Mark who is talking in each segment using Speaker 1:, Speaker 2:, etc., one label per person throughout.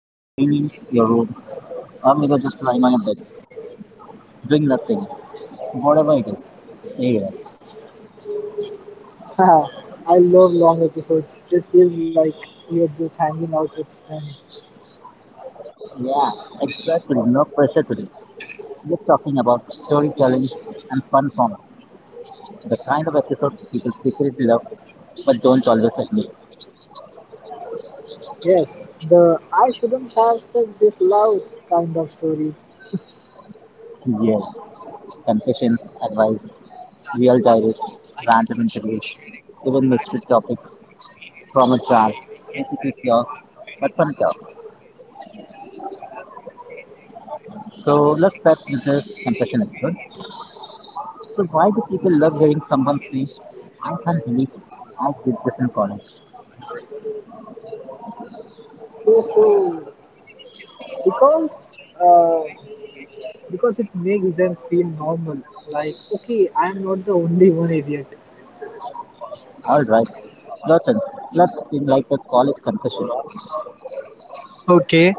Speaker 1: maybe you're cleaning your rooms, or maybe you're just lying on your bed doing nothing. Whatever it is, stay with us.
Speaker 2: Haha, I love long episodes. It feels like you're just hanging out with friends.
Speaker 1: Yeah, exactly. No pressure today. We're talking about storytelling and fun forms. The kind of episodes people secretly love but don't always admit.
Speaker 2: Yes, the I shouldn't have said this loud kind of stories.
Speaker 1: Yes. Confessions, advice, real diaries, random interviews, even mystery topics, trauma jar, insecure chaos, but fun chaos. So let's start with the confession episode. So why do people love hearing someone say, I can't believe I did this in college?
Speaker 2: Okay, so because uh, because it makes them feel normal. Like okay, I'm not the only one idiot.
Speaker 1: Alright, your turn. Let's seem like a college confession.
Speaker 2: Okay,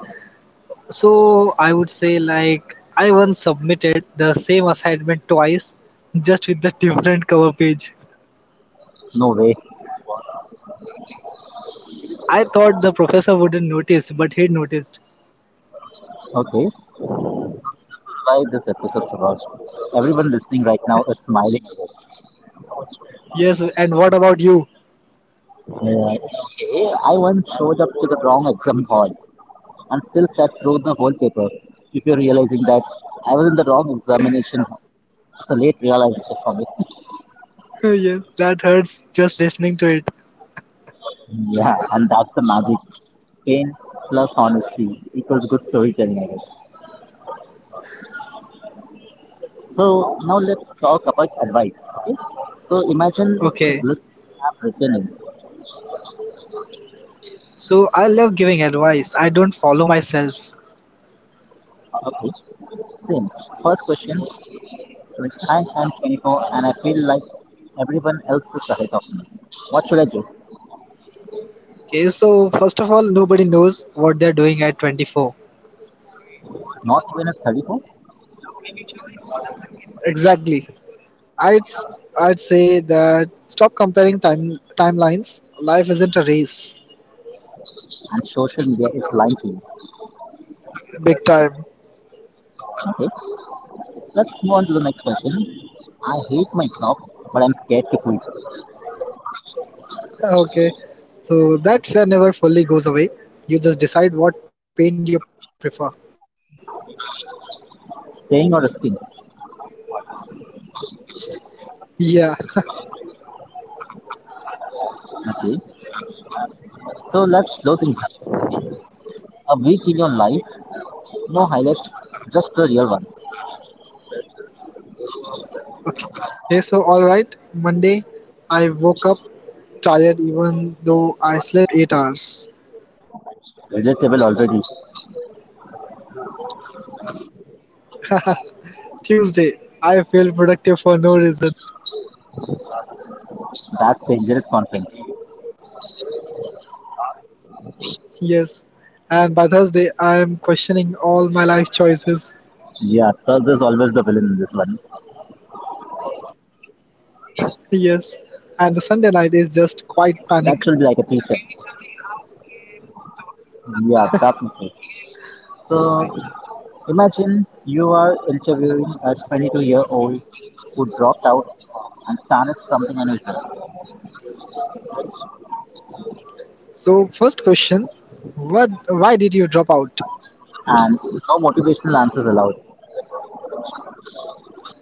Speaker 2: so I would say like I once submitted the same assignment twice, just with the different cover page.
Speaker 1: No way.
Speaker 2: I thought the professor wouldn't notice, but he noticed.
Speaker 1: Okay, why this episode's about. Everyone listening right now is smiling at us.
Speaker 2: Yes, and what about you?
Speaker 1: Okay, I once showed up to the wrong exam hall and still sat through the whole paper before realizing that I was in the wrong examination hall. It's a late realization for me.
Speaker 2: Yes, that hurts just listening to it.
Speaker 1: Yeah, and that's the magic. Pain plus honesty equals good storytelling, I guess. So now let's talk about advice. Okay? So imagine
Speaker 2: Okay,
Speaker 1: listeners have written in.
Speaker 2: so I love giving advice. I don't follow myself.
Speaker 1: Okay, same. First question, like I am 24 and I feel like everyone else is ahead of me. What should I do?
Speaker 2: Okay, so first of all, nobody knows what they're doing at 24.
Speaker 1: Not even at 34?
Speaker 2: Exactly. I'd say that stop comparing timelines. Life isn't a race.
Speaker 1: And social media is lying to you.
Speaker 2: Big time.
Speaker 1: Okay, let's move on to the next question. I hate my job, but I'm scared to quit.
Speaker 2: Okay, so that fear never fully goes away. You just decide what pain you prefer.
Speaker 1: Staying or risking?
Speaker 2: Yeah.
Speaker 1: Okay, so let's slow things down. A week in your life, no highlights, just the real one.
Speaker 2: Okay, so all right. Monday, I woke up tired even though I slept 8 hours.
Speaker 1: Relatable already.
Speaker 2: Tuesday, I feel productive for no reason.
Speaker 1: That's dangerous content.
Speaker 2: Yes. And by Thursday, I am questioning all my life choices.
Speaker 1: Yeah, Thug is always the villain in this one.
Speaker 2: Yes. And the Sunday night is just quite
Speaker 1: That
Speaker 2: panic.
Speaker 1: should be like a t-shirt. Yeah, that's it. So imagine you are interviewing a 22-year-old who dropped out and started something unusual,
Speaker 2: So, first question, what why did you drop out?
Speaker 1: and no motivational answers allowed.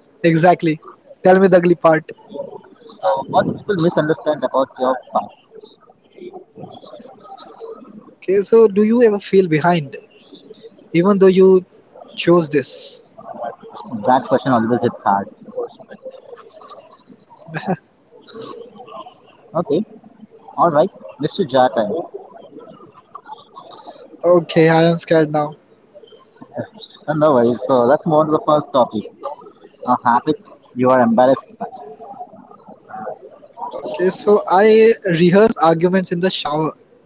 Speaker 2: Exactly. Tell me the ugly part.
Speaker 1: So, what people misunderstand about your path?
Speaker 2: Okay, so do you ever feel behind even though you chose this?
Speaker 1: That question always hits hard. Okay, all right, Mr. Jata.
Speaker 2: Okay, I am scared now.
Speaker 1: No worries. So let's move on to the first topic. A habit you are embarrassed by.
Speaker 2: Okay, so I rehearse arguments in the shower.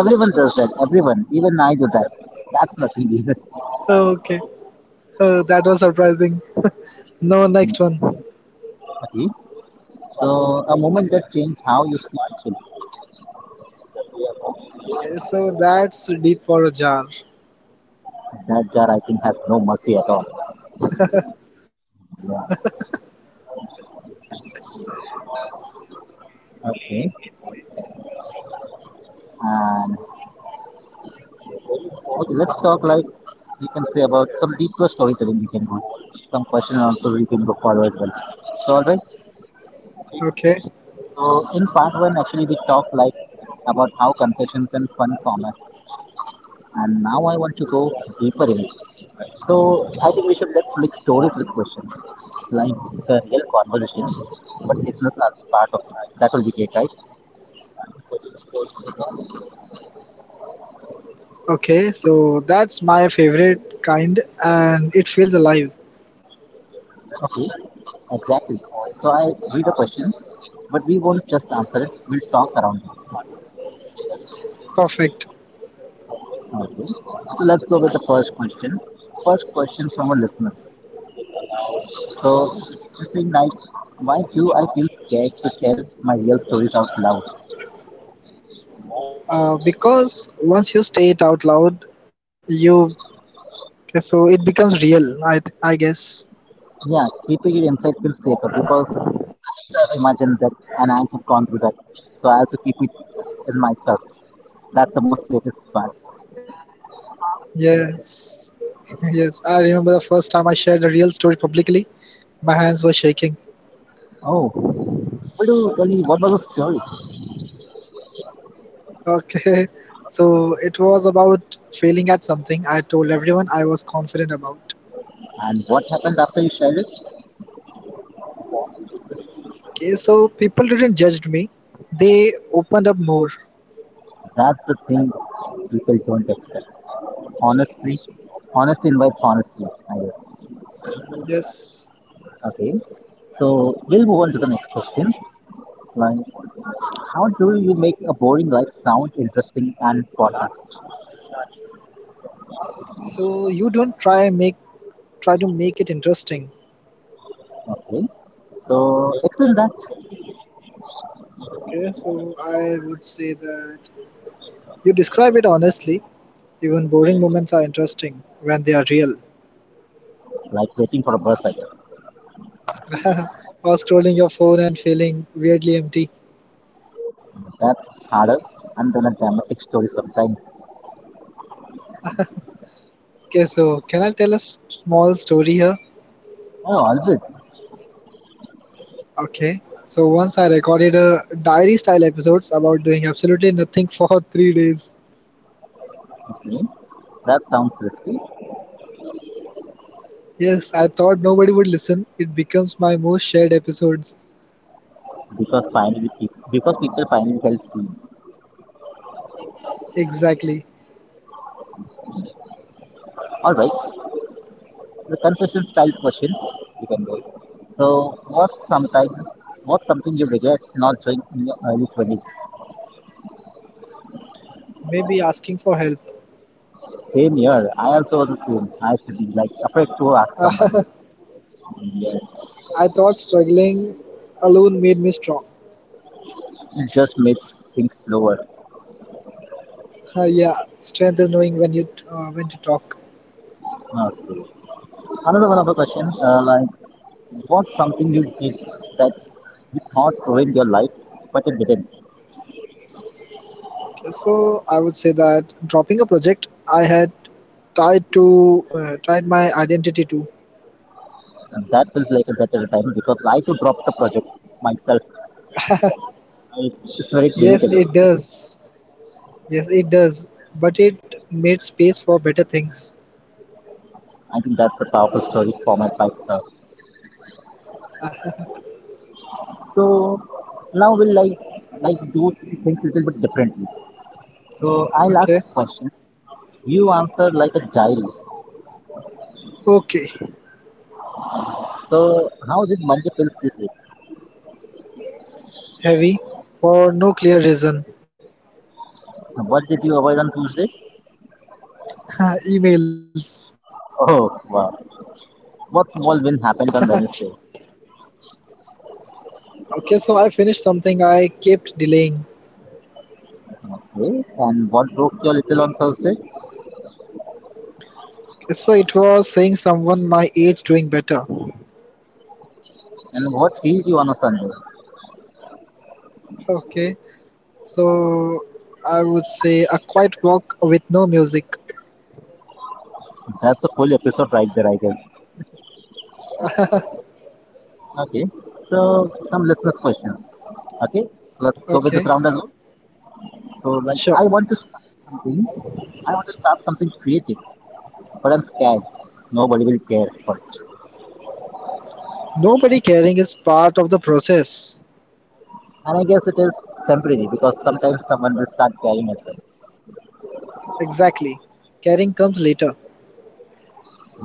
Speaker 1: Everyone does that. Everyone, even I do that. That's nothing either.
Speaker 2: Okay, that was surprising. No, next one.
Speaker 1: Okay. So a moment that changed how you see the.
Speaker 2: Okay, so that's deep for a jar.
Speaker 1: That jar, I think, has no mercy at all. Yeah. Okay. And okay, let's talk like you can say about some deeper storytelling. We can go some question and also we can go forward as well. So all right.
Speaker 2: Okay,
Speaker 1: So in part one, actually, we talked like about how confessions and fun formats. And now I want to go deeper in it. So I think we should let's mix stories with questions, like the real conversation, but listeners are part of it. That will be great, right?
Speaker 2: okay, so that's my favorite kind and it feels alive.
Speaker 1: Okay, exactly. So I read a question, but we won't just answer it, we'll talk around it.
Speaker 2: Perfect.
Speaker 1: Okay, so let's go with the first question. First question from a listener. So she's saying like, why do I feel scared to tell my real stories out loud?
Speaker 2: Because once you say it out loud, you so it becomes real. I guess.
Speaker 1: Yeah, keeping it inside feels safer because imagine that and I have gone through that. So I also keep it in myself. That's the most safest part.
Speaker 2: Yes. Yes, I remember the first time I shared a real story publicly. My hands were shaking.
Speaker 1: Oh, what do tell me what was the story,
Speaker 2: Okay, so it was about failing at something I told everyone I was confident about.
Speaker 1: and what happened after you shared it?
Speaker 2: Okay, so people didn't judge me, they opened up more.
Speaker 1: That's the thing people don't expect. Honestly, honesty invites honesty, I guess.
Speaker 2: Yes,
Speaker 1: Okay, so we'll move on to the next question. Like, how do you make a boring life sound interesting and podcast?
Speaker 2: so you don't try make try to make it interesting.
Speaker 1: Okay, so explain that.
Speaker 2: Okay, so I would say that you describe it honestly. Even boring moments are interesting when they are real.
Speaker 1: Like waiting for a bus, I guess.
Speaker 2: Or scrolling your phone and feeling weirdly empty.
Speaker 1: That's harder and then a dramatic story sometimes.
Speaker 2: Okay, so can I tell a small story here?
Speaker 1: Oh, always.
Speaker 2: Okay. So once I recorded a diary style episodes about doing absolutely nothing for three days.
Speaker 1: Okay, that sounds risky
Speaker 2: Yes, I thought nobody would listen. It becomes my most shared episodes.
Speaker 1: because people finally felt seen.
Speaker 2: Exactly.
Speaker 1: All right, the confession style question. You can do. It's, so, what's something you regret not doing in your early 20s?
Speaker 2: Maybe asking for help.
Speaker 1: Same year, I also was the same. I used to be like afraid to ask someone.
Speaker 2: I
Speaker 1: Yes.
Speaker 2: thought struggling alone made me strong.
Speaker 1: It just makes things slower.
Speaker 2: Uh, yeah, strength is knowing when to talk.
Speaker 1: Okay. Another one of the question, like, what's something you did that you thought ruined your life, but it didn't?
Speaker 2: So I would say that dropping a project I had tied my identity to.
Speaker 1: And that feels like a better time because I could drop the project myself. It's very
Speaker 2: Yes,
Speaker 1: relatable.
Speaker 2: it does. Yes, it does, but it made space for better things.
Speaker 1: I think that's a powerful story for my bike sir. So now we'll like do things a little bit differently. So I'll ask
Speaker 2: Okay.
Speaker 1: question. You answer like a diary.
Speaker 2: Okay.
Speaker 1: So how did Monday feels this week?
Speaker 2: Heavy for no clear reason.
Speaker 1: What did you avoid on Tuesday?
Speaker 2: Emails.
Speaker 1: Oh wow. What small win happened on Wednesday?
Speaker 2: Okay, so I finished something I kept delaying.
Speaker 1: Okay. And what broke your little on Thursday?
Speaker 2: So it was saying someone my age doing better.
Speaker 1: And what healed you on a Sunday?
Speaker 2: Okay, so I would say a quiet walk with no music.
Speaker 1: That's the full episode right there, I guess. Okay. So some listeners questions. Okay. Let's go with this
Speaker 2: Okay,
Speaker 1: round as well. So like I
Speaker 2: sure.
Speaker 1: want to start something. I want to start something creative, but I'm scared. Nobody will care for it.
Speaker 2: Nobody caring is part of the process.
Speaker 1: And I guess it is temporary because sometimes someone will start caring as well.
Speaker 2: Exactly. Caring comes later.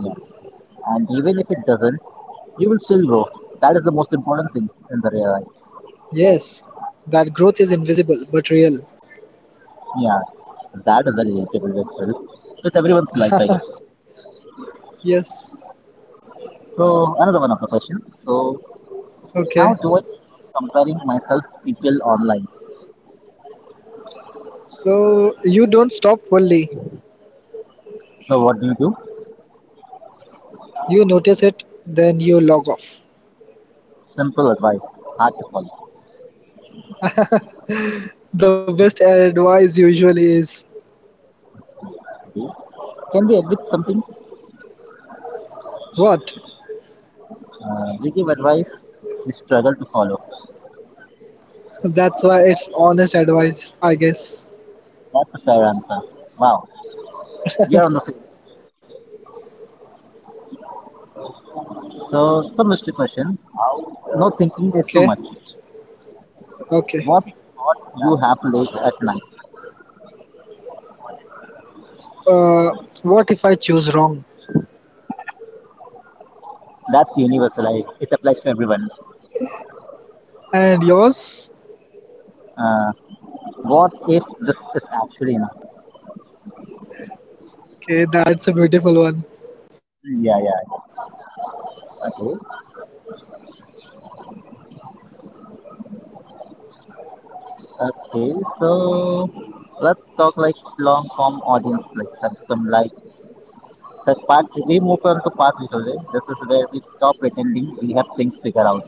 Speaker 1: Yeah. And even if it doesn't, you will still grow. That is the most important thing in the real life.
Speaker 2: Yes, that growth is invisible but real.
Speaker 1: Yeah. That is very relatable with self. With everyone's life, I guess.
Speaker 2: Yes.
Speaker 1: So another one of the questions. So
Speaker 2: Okay.
Speaker 1: how do I stop comparing myself to people online?
Speaker 2: So you don't stop fully.
Speaker 1: So what do you do?
Speaker 2: You notice it, then you log off.
Speaker 1: Simple advice, hard to follow.
Speaker 2: The best advice usually is
Speaker 1: Okay. Can we admit something?
Speaker 2: what?
Speaker 1: We give advice we struggle to follow.
Speaker 2: That's why it's honest advice, I guess.
Speaker 1: That's a fair answer. Wow, we are on the same. So, some mystery question. No thinking too
Speaker 2: Okay.
Speaker 1: much.
Speaker 2: Okay.
Speaker 1: What thought you have late at night?
Speaker 2: Uh, what if I choose wrong?
Speaker 1: That's universal. It applies to everyone.
Speaker 2: And yours?
Speaker 1: Uh, what if this is actually enough?
Speaker 2: Okay, that's a beautiful one.
Speaker 1: Yeah. Okay. Okay. So let's talk like long form audience, like some like the parts we move on to parts recovery. This is where we stop pretending we have things figured out.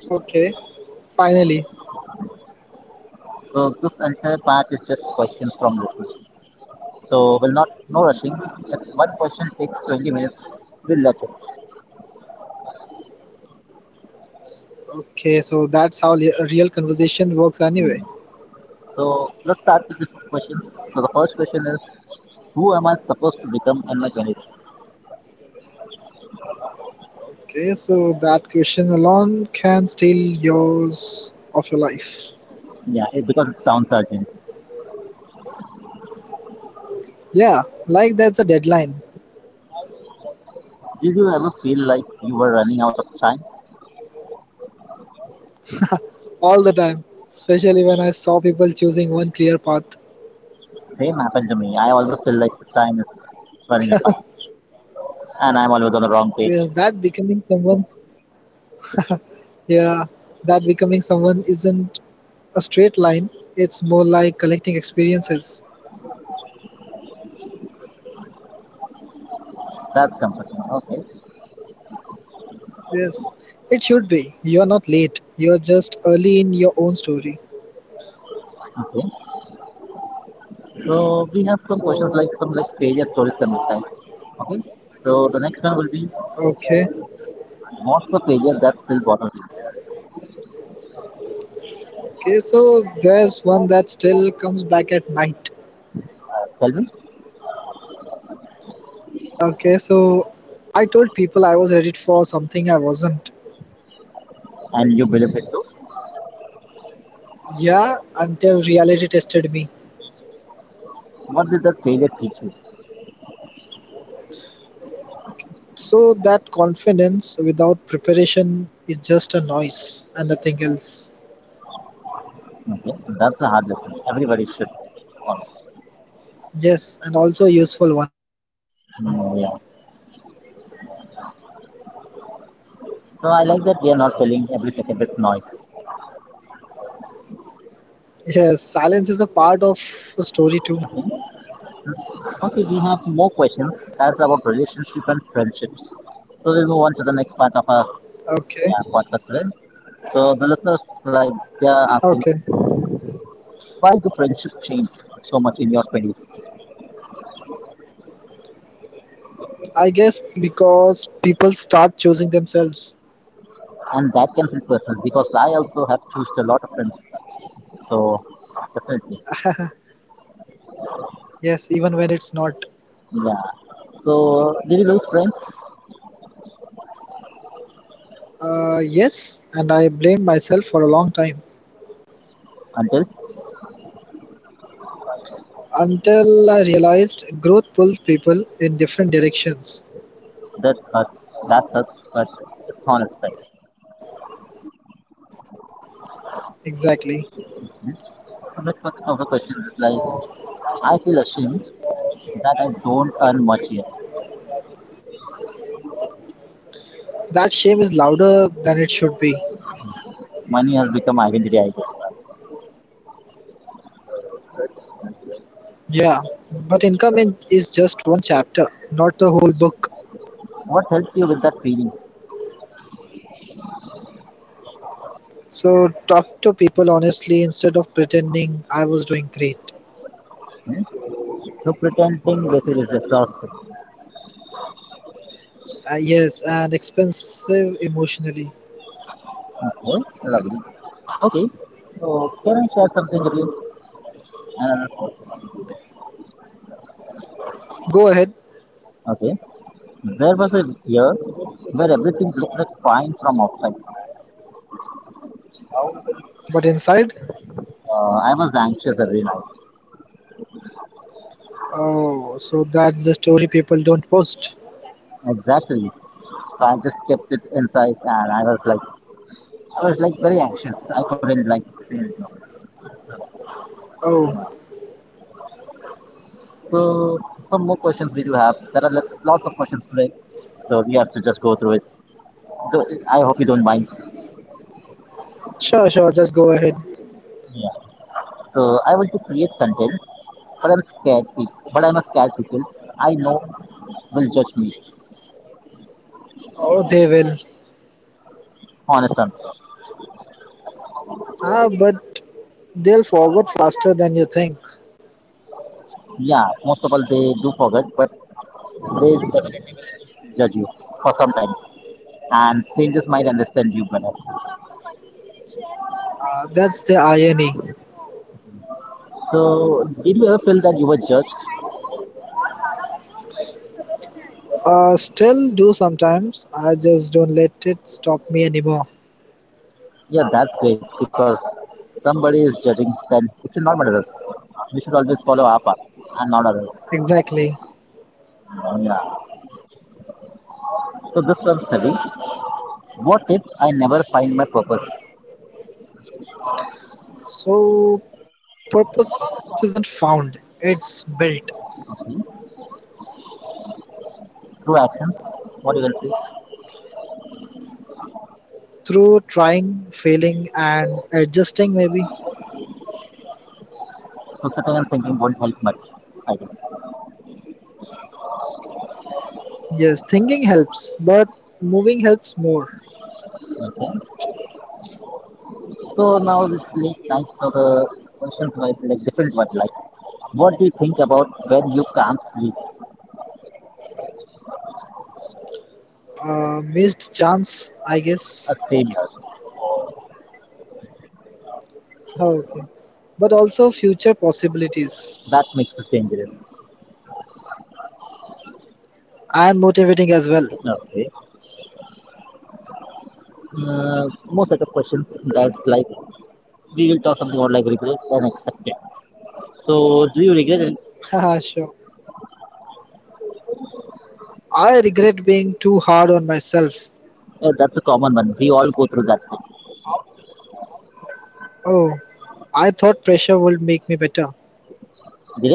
Speaker 2: Okay. Finally.
Speaker 1: So this entire part is just questions from listeners. So we'll not no rushing. If one question takes 20 minutes, we'll let it.
Speaker 2: Okay, so that's how a real conversation works anyway.
Speaker 1: So let's start with the questions. So the first question is, who am I supposed to become in my 20s?
Speaker 2: Okay, so that question alone can steal years of your life.
Speaker 1: Yeah, because it sounds urgent.
Speaker 2: Yeah, like that's a deadline
Speaker 1: Did you ever feel like you were running out of time?
Speaker 2: all the time, especially when I saw people choosing one clear path.
Speaker 1: Same happened to me. I always feel like the time is running apart, and I'm always on the wrong page.
Speaker 2: Yeah, that becoming someone's
Speaker 1: What did you
Speaker 2: yeah,
Speaker 1: realize later?
Speaker 2: that becoming someone isn't a straight line. It's more like collecting experiences.
Speaker 1: That's comforting. Okay.
Speaker 2: Yes, it should be. You're not late. You're just early in your own story.
Speaker 1: Okay. So we have some questions like some like failure stories some time. Okay. So the next one will be,
Speaker 2: Okay.
Speaker 1: what's the failure that still bothers you?
Speaker 2: Okay, so there's one that still comes back at night.
Speaker 1: Tell me.
Speaker 2: Okay, so I told people I was ready for something I wasn't.
Speaker 1: And you believe it too.
Speaker 2: Yeah, until reality tested me.
Speaker 1: What did that failure teach you?
Speaker 2: So that confidence without preparation is just a noise and nothing else.
Speaker 1: Okay. That's a hard lesson. Everybody should follow.
Speaker 2: Yes, and also a useful one.
Speaker 1: Mm, yeah. So I like that we are not filling every second with noise.
Speaker 2: Yes, silence is a part of the story too.
Speaker 1: Okay. Okay, we have more questions. That's about relationship and friendships. So we'll move on to the next part of our
Speaker 2: Okay,
Speaker 1: yeah, podcast today. So the listeners like they are asking
Speaker 2: okay.
Speaker 1: why do friendship change so much in your twenties,
Speaker 2: I guess because people start choosing themselves.
Speaker 1: and that can feel personal because I also have changed a lot of friends. So definitely,
Speaker 2: Yes, even when it's not.
Speaker 1: yeah. So did you lose friends
Speaker 2: Yes, and I blamed myself for a long time.
Speaker 1: until
Speaker 2: Until I realized growth pulls people in different directions.
Speaker 1: that hurts? That hurts, but it's honest. Right?
Speaker 2: Exactly.
Speaker 1: So next part of the question is like I feel ashamed that I don't earn much yet.
Speaker 2: That shame is louder than it should be.
Speaker 1: Money has become identity, I guess.
Speaker 2: Yeah, but income is just one chapter, not the whole book.
Speaker 1: What helps you with that feeling?
Speaker 2: So talk to people honestly instead of pretending I was doing great.
Speaker 1: So pretending basically is exhausting.
Speaker 2: Yes, and expensive emotionally.
Speaker 1: Okay, lovely. Okay, so can I share something with you? And
Speaker 2: Go ahead,
Speaker 1: okay, there was a year where everything looked like fine from outside.
Speaker 2: but inside?
Speaker 1: I was anxious every night.
Speaker 2: Oh, so that's the story people don't post.
Speaker 1: Exactly. So I just kept it inside, and I was like very anxious. I couldn't like say anything. Yeah.
Speaker 2: Oh,
Speaker 1: So some more questions we do have. There are lots of questions today, so we have to just go through it. I hope you don't mind.
Speaker 2: sure, just go ahead.
Speaker 1: Yeah. So I want to create content, but I'm scared. But I'm a scared people. I know will judge me.
Speaker 2: Oh, they will.
Speaker 1: Honest answer.
Speaker 2: Ah, but they'll forget faster than you think.
Speaker 1: Yeah, most of all they do forget, but they definitely will judge you for some time, and strangers might understand you better.
Speaker 2: Ah, that's the irony.
Speaker 1: So did you ever feel that you were judged?
Speaker 2: Still do sometimes. I just don't let it stop me anymore.
Speaker 1: Yeah, that's great because somebody is judging. Then it's not matters. We should always follow our path and not others.
Speaker 2: Exactly.
Speaker 1: Yeah. So this one's heavy. What if I never find my purpose?
Speaker 2: So, purpose isn't found, it's built
Speaker 1: Two actions, what you will see.
Speaker 2: through trying, failing, and adjusting, maybe.
Speaker 1: So sitting and thinking won't help much, I guess.
Speaker 2: Yes, thinking helps, but moving helps more.
Speaker 1: Okay. So now it's late night, so the questions were like different one like what do you think about when you can't sleep?
Speaker 2: Missed chance, I guess.
Speaker 1: A savior.
Speaker 2: Oh, okay. But also future possibilities
Speaker 1: That makes us dangerous.
Speaker 2: and motivating as well.
Speaker 1: Okay. Most set of questions that's like we will talk something about like regret and acceptance. So do you regret it?
Speaker 2: Sure. I regret being too hard on myself.
Speaker 1: That's a common one. We all go through that. Thing.
Speaker 2: Oh, I thought pressure would make me better.
Speaker 1: Did it?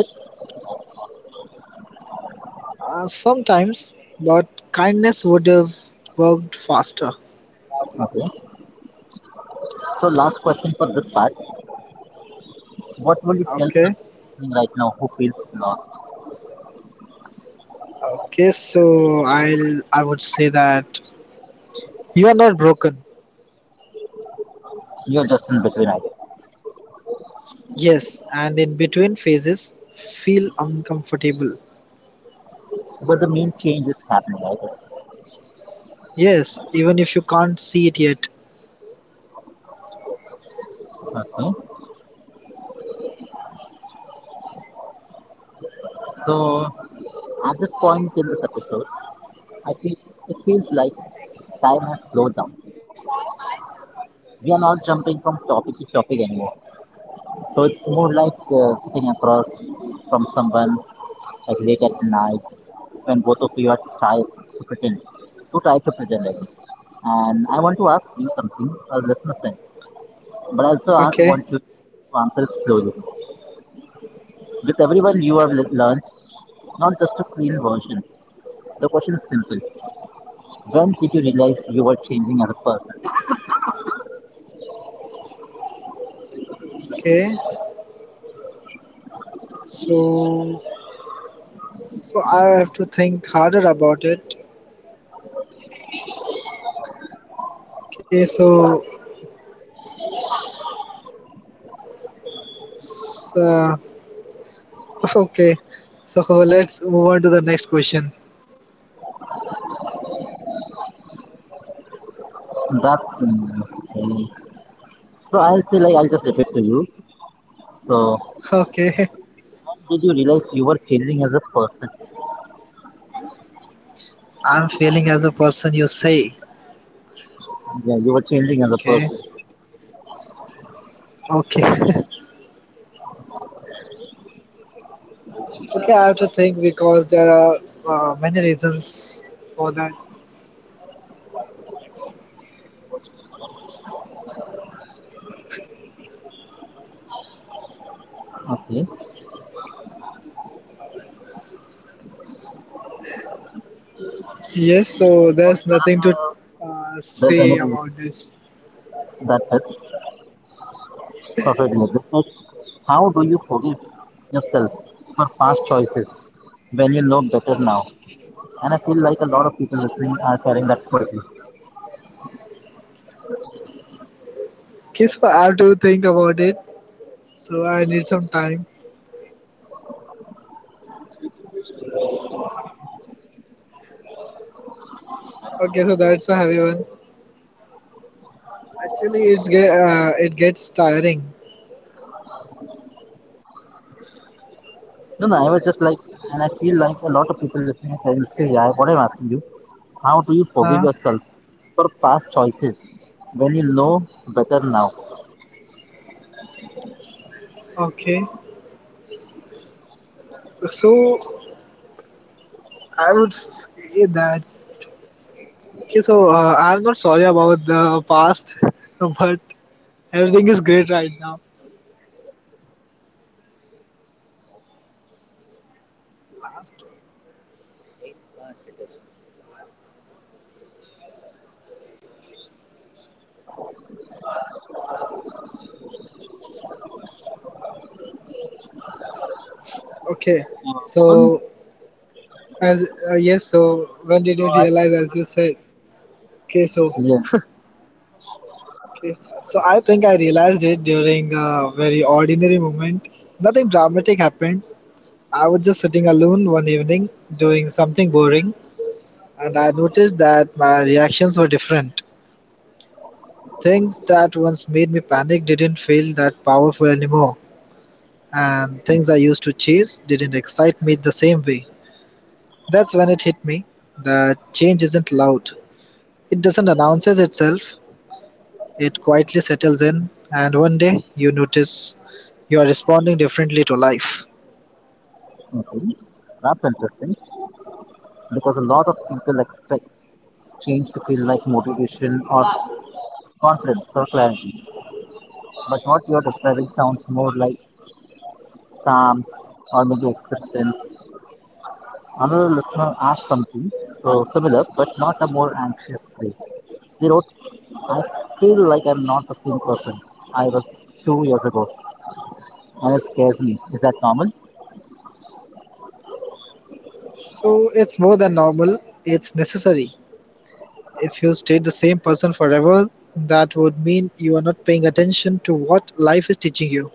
Speaker 2: Sometimes, but kindness would have worked faster.
Speaker 1: Okay. So last question for this part. What will you tell someone
Speaker 2: Okay.
Speaker 1: listening right now who feels lost?
Speaker 2: Okay, so I would say that you are not broken.
Speaker 1: You're just in between, I guess.
Speaker 2: Yes, and in between phases, feel uncomfortable.
Speaker 1: But the main change is happening, I guess.
Speaker 2: Yes, even if you can't see it yet.
Speaker 1: Okay. So at this point in this episode, I feel it feels like time has slowed down. We are not jumping from topic to topic anymore. So it's more like sitting across from someone, like late at night when both of you are tired to pretend, I guess. And I want to ask you something, our listeners, but also I
Speaker 2: Okay.
Speaker 1: want to answer it slowly. With everyone you have learned, not just a clean version. The question is simple. When did you realize you were changing as a person?
Speaker 2: Okay, so I have to think harder about it. Okay, so, so okay, so let's move on to the next question.
Speaker 1: That's okay. So I'll say, like, I'll just repeat to you. So
Speaker 2: Okay,
Speaker 1: when did you realize you were changing as a person?
Speaker 2: I'm failing as a person you say.
Speaker 1: Yeah, you were changing as a
Speaker 2: Okay,
Speaker 1: person.
Speaker 2: okay, okay. I have to think because there are many reasons for that.
Speaker 1: Okay.
Speaker 2: Yes, so there's nothing to
Speaker 1: There's
Speaker 2: say
Speaker 1: anything
Speaker 2: about this.
Speaker 1: that fits perfectly. How do you forgive yourself for past choices when you know better now? And I feel like a lot of people listening are carrying that quietly.
Speaker 2: Okay, so I have to think about it. So I need some time. Okay, so that's a heavy one. Actually, it gets tiring.
Speaker 1: No, no, I was just like, and I feel like a lot of people listening are carrying. Say, yeah, what I'm asking you, how do you forgive
Speaker 2: Huh?
Speaker 1: yourself for past choices when you know better now?
Speaker 2: Okay. So I would say that. Okay. So I'm not sorry about the past, but everything is great right now. Last. Okay.
Speaker 1: Uh,
Speaker 2: So
Speaker 1: Mohan,
Speaker 2: as yes. So when did you
Speaker 1: uh,
Speaker 2: realize, as you said? Okay. So
Speaker 1: yeah,
Speaker 2: okay. So I think I realized it during a very ordinary moment. Nothing dramatic happened. I was just sitting alone one evening doing something boring. And I noticed that my reactions were different. Things that once made me panic didn't feel that powerful anymore, and things I used to chase didn't excite me the same way. That's when it hit me that change isn't loud. It doesn't announces itself, it quietly settles in, and one day you notice you are responding differently to life.
Speaker 1: okay, that's interesting because a lot of people expect change to feel like motivation or confidence or clarity, but what you're describing sounds more like calm or maybe acceptance. Another listener asked something so similar, but not a more anxious way. They wrote, I feel like I'm not the same person I was 2 years ago, and it scares me. Is that normal?
Speaker 2: So it's more than normal, it's necessary. If you stayed the same person forever, that would mean you're not paying attention to what life is teaching you.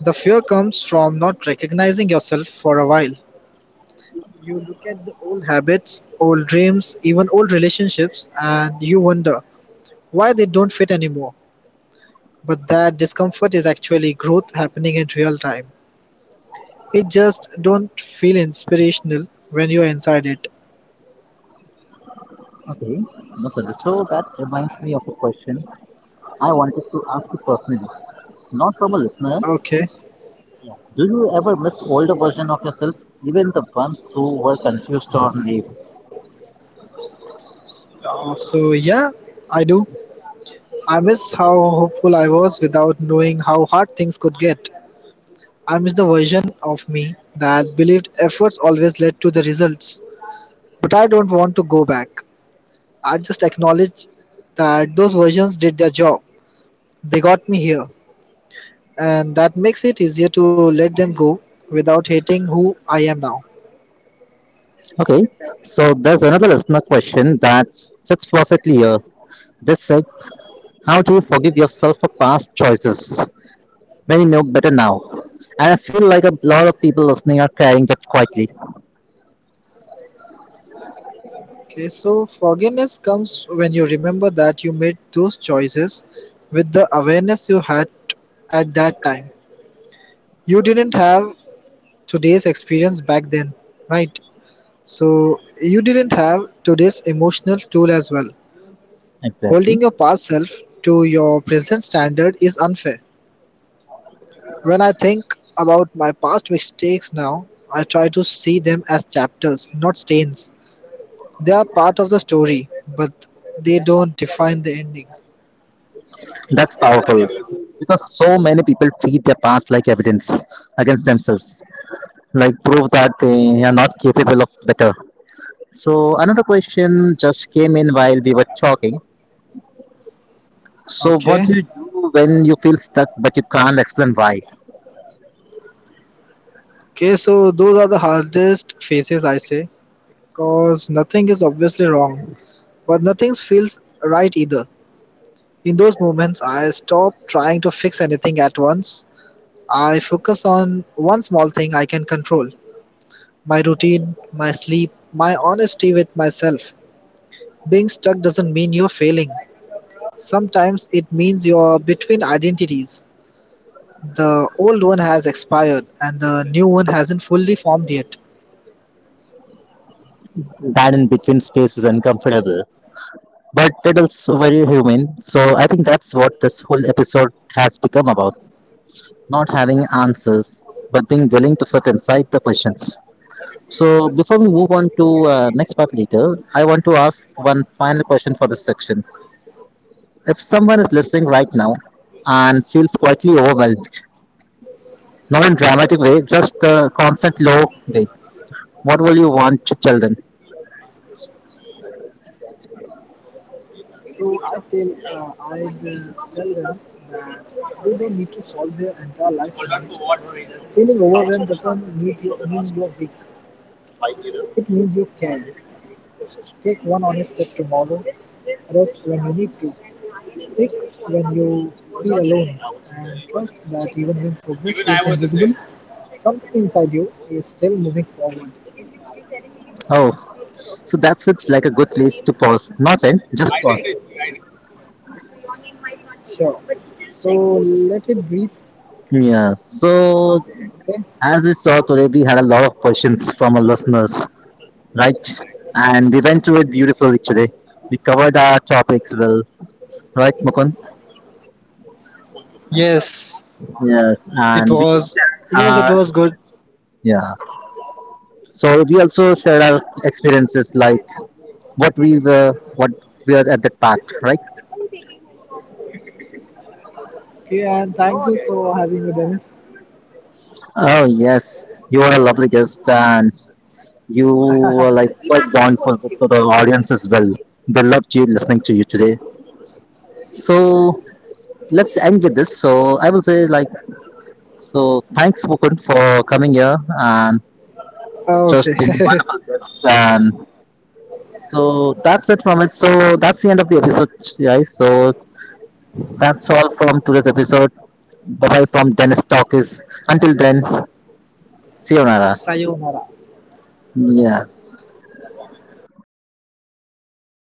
Speaker 2: The fear comes from not recognizing yourself for a while. You look at the old habits, old dreams, even old relationships, and you wonder why they don't fit anymore. But that discomfort is actually growth happening in real time. It just don't feel inspirational when you're inside it.
Speaker 1: Okay, okay. So that reminds me of a question I wanted to ask you personally, not from a listener.
Speaker 2: Okay.
Speaker 1: Yeah. Do you ever miss older version of yourself, even the ones who were confused or naive?
Speaker 2: So yeah, I do. I miss how hopeful I was without knowing how hard things could get. I miss the version of me that believed efforts always led to the results. But I don't want to go back. I just acknowledge that those versions did their job. They got me here. And that makes it easier to let them go without hating who I am now.
Speaker 1: Okay, so there's another listener question that fits perfectly here. This said, how do you forgive yourself for past choices when you know better now? And I feel like a lot of people listening are carrying that quietly.
Speaker 2: Okay, so forgiveness comes when you remember that you made those choices with the awareness you had at that time. You didn't have today's experience back then, right? So you didn't have today's emotional tool as well.
Speaker 1: Exactly.
Speaker 2: Holding your past self to your present standard is unfair. When I think about my past mistakes now, I try to see them as chapters, not stains. They are part of the story, but they don't define the ending.
Speaker 1: That's powerful. Because so many people treat their past like evidence against themselves, like prove that they are not capable of better. So another question just came in while we were talking. So what
Speaker 2: Okay,
Speaker 1: do you do when you feel stuck but you can't explain why?
Speaker 2: okay, so those are the hardest phases I say, because nothing is obviously wrong, but nothing feels right either. In those moments, I stop trying to fix anything at once. I focus on one small thing I can control, my routine, my sleep, my honesty with myself. Being stuck doesn't mean you're failing. Sometimes it means you're between identities. The old one has expired and the new one hasn't fully formed yet.
Speaker 1: That in between space is uncomfortable, but it is very human. So I think that's what this whole episode has become about, not having answers, but being willing to sit inside the questions. So before we move on to next part later, I want to ask one final question for this section. If someone is listening right now and feels quietly overwhelmed, not in dramatic way, just the constant low weight, what will you want to tell them?
Speaker 2: So I will tell them that they don't need to solve their entire life. Today. Feeling overwhelmed doesn't mean you're weak. It means you can take one honest step tomorrow, rest when you need to, speak when you feel alone, and trust that even when progress feels invisible, something inside you is still moving forward.
Speaker 1: Oh, so that's with like a good place to pause. Not end, just pause.
Speaker 2: Sure. So let it breathe,
Speaker 1: Yeah. So
Speaker 2: okay?
Speaker 1: as we saw today, we had a lot of questions from our listeners, right? And we went through it beautifully today. We covered our topics well, right, Mukund?
Speaker 2: Yes,
Speaker 1: Yes,
Speaker 2: it
Speaker 1: and we
Speaker 2: was. Yes, it was
Speaker 1: are,
Speaker 2: good.
Speaker 1: yeah. So we also shared our experiences, like what we were at that part, right?
Speaker 2: Okay, and thank you for having me, Dennis.
Speaker 1: Oh yes, you were a lovely guest, and you were like quite bondful with the audience as well. They loved you listening to you today. So let's end with this. So I will say, like, so thanks Mukund for coming here and just being a
Speaker 2: Okay.
Speaker 1: wonderful guest. And so that's it from it. So that's the end of the episode guys. So that's all from today's episode. Bye bye from Dennis Talk is until then, see you Nara.
Speaker 2: Sayonara.
Speaker 1: Yes.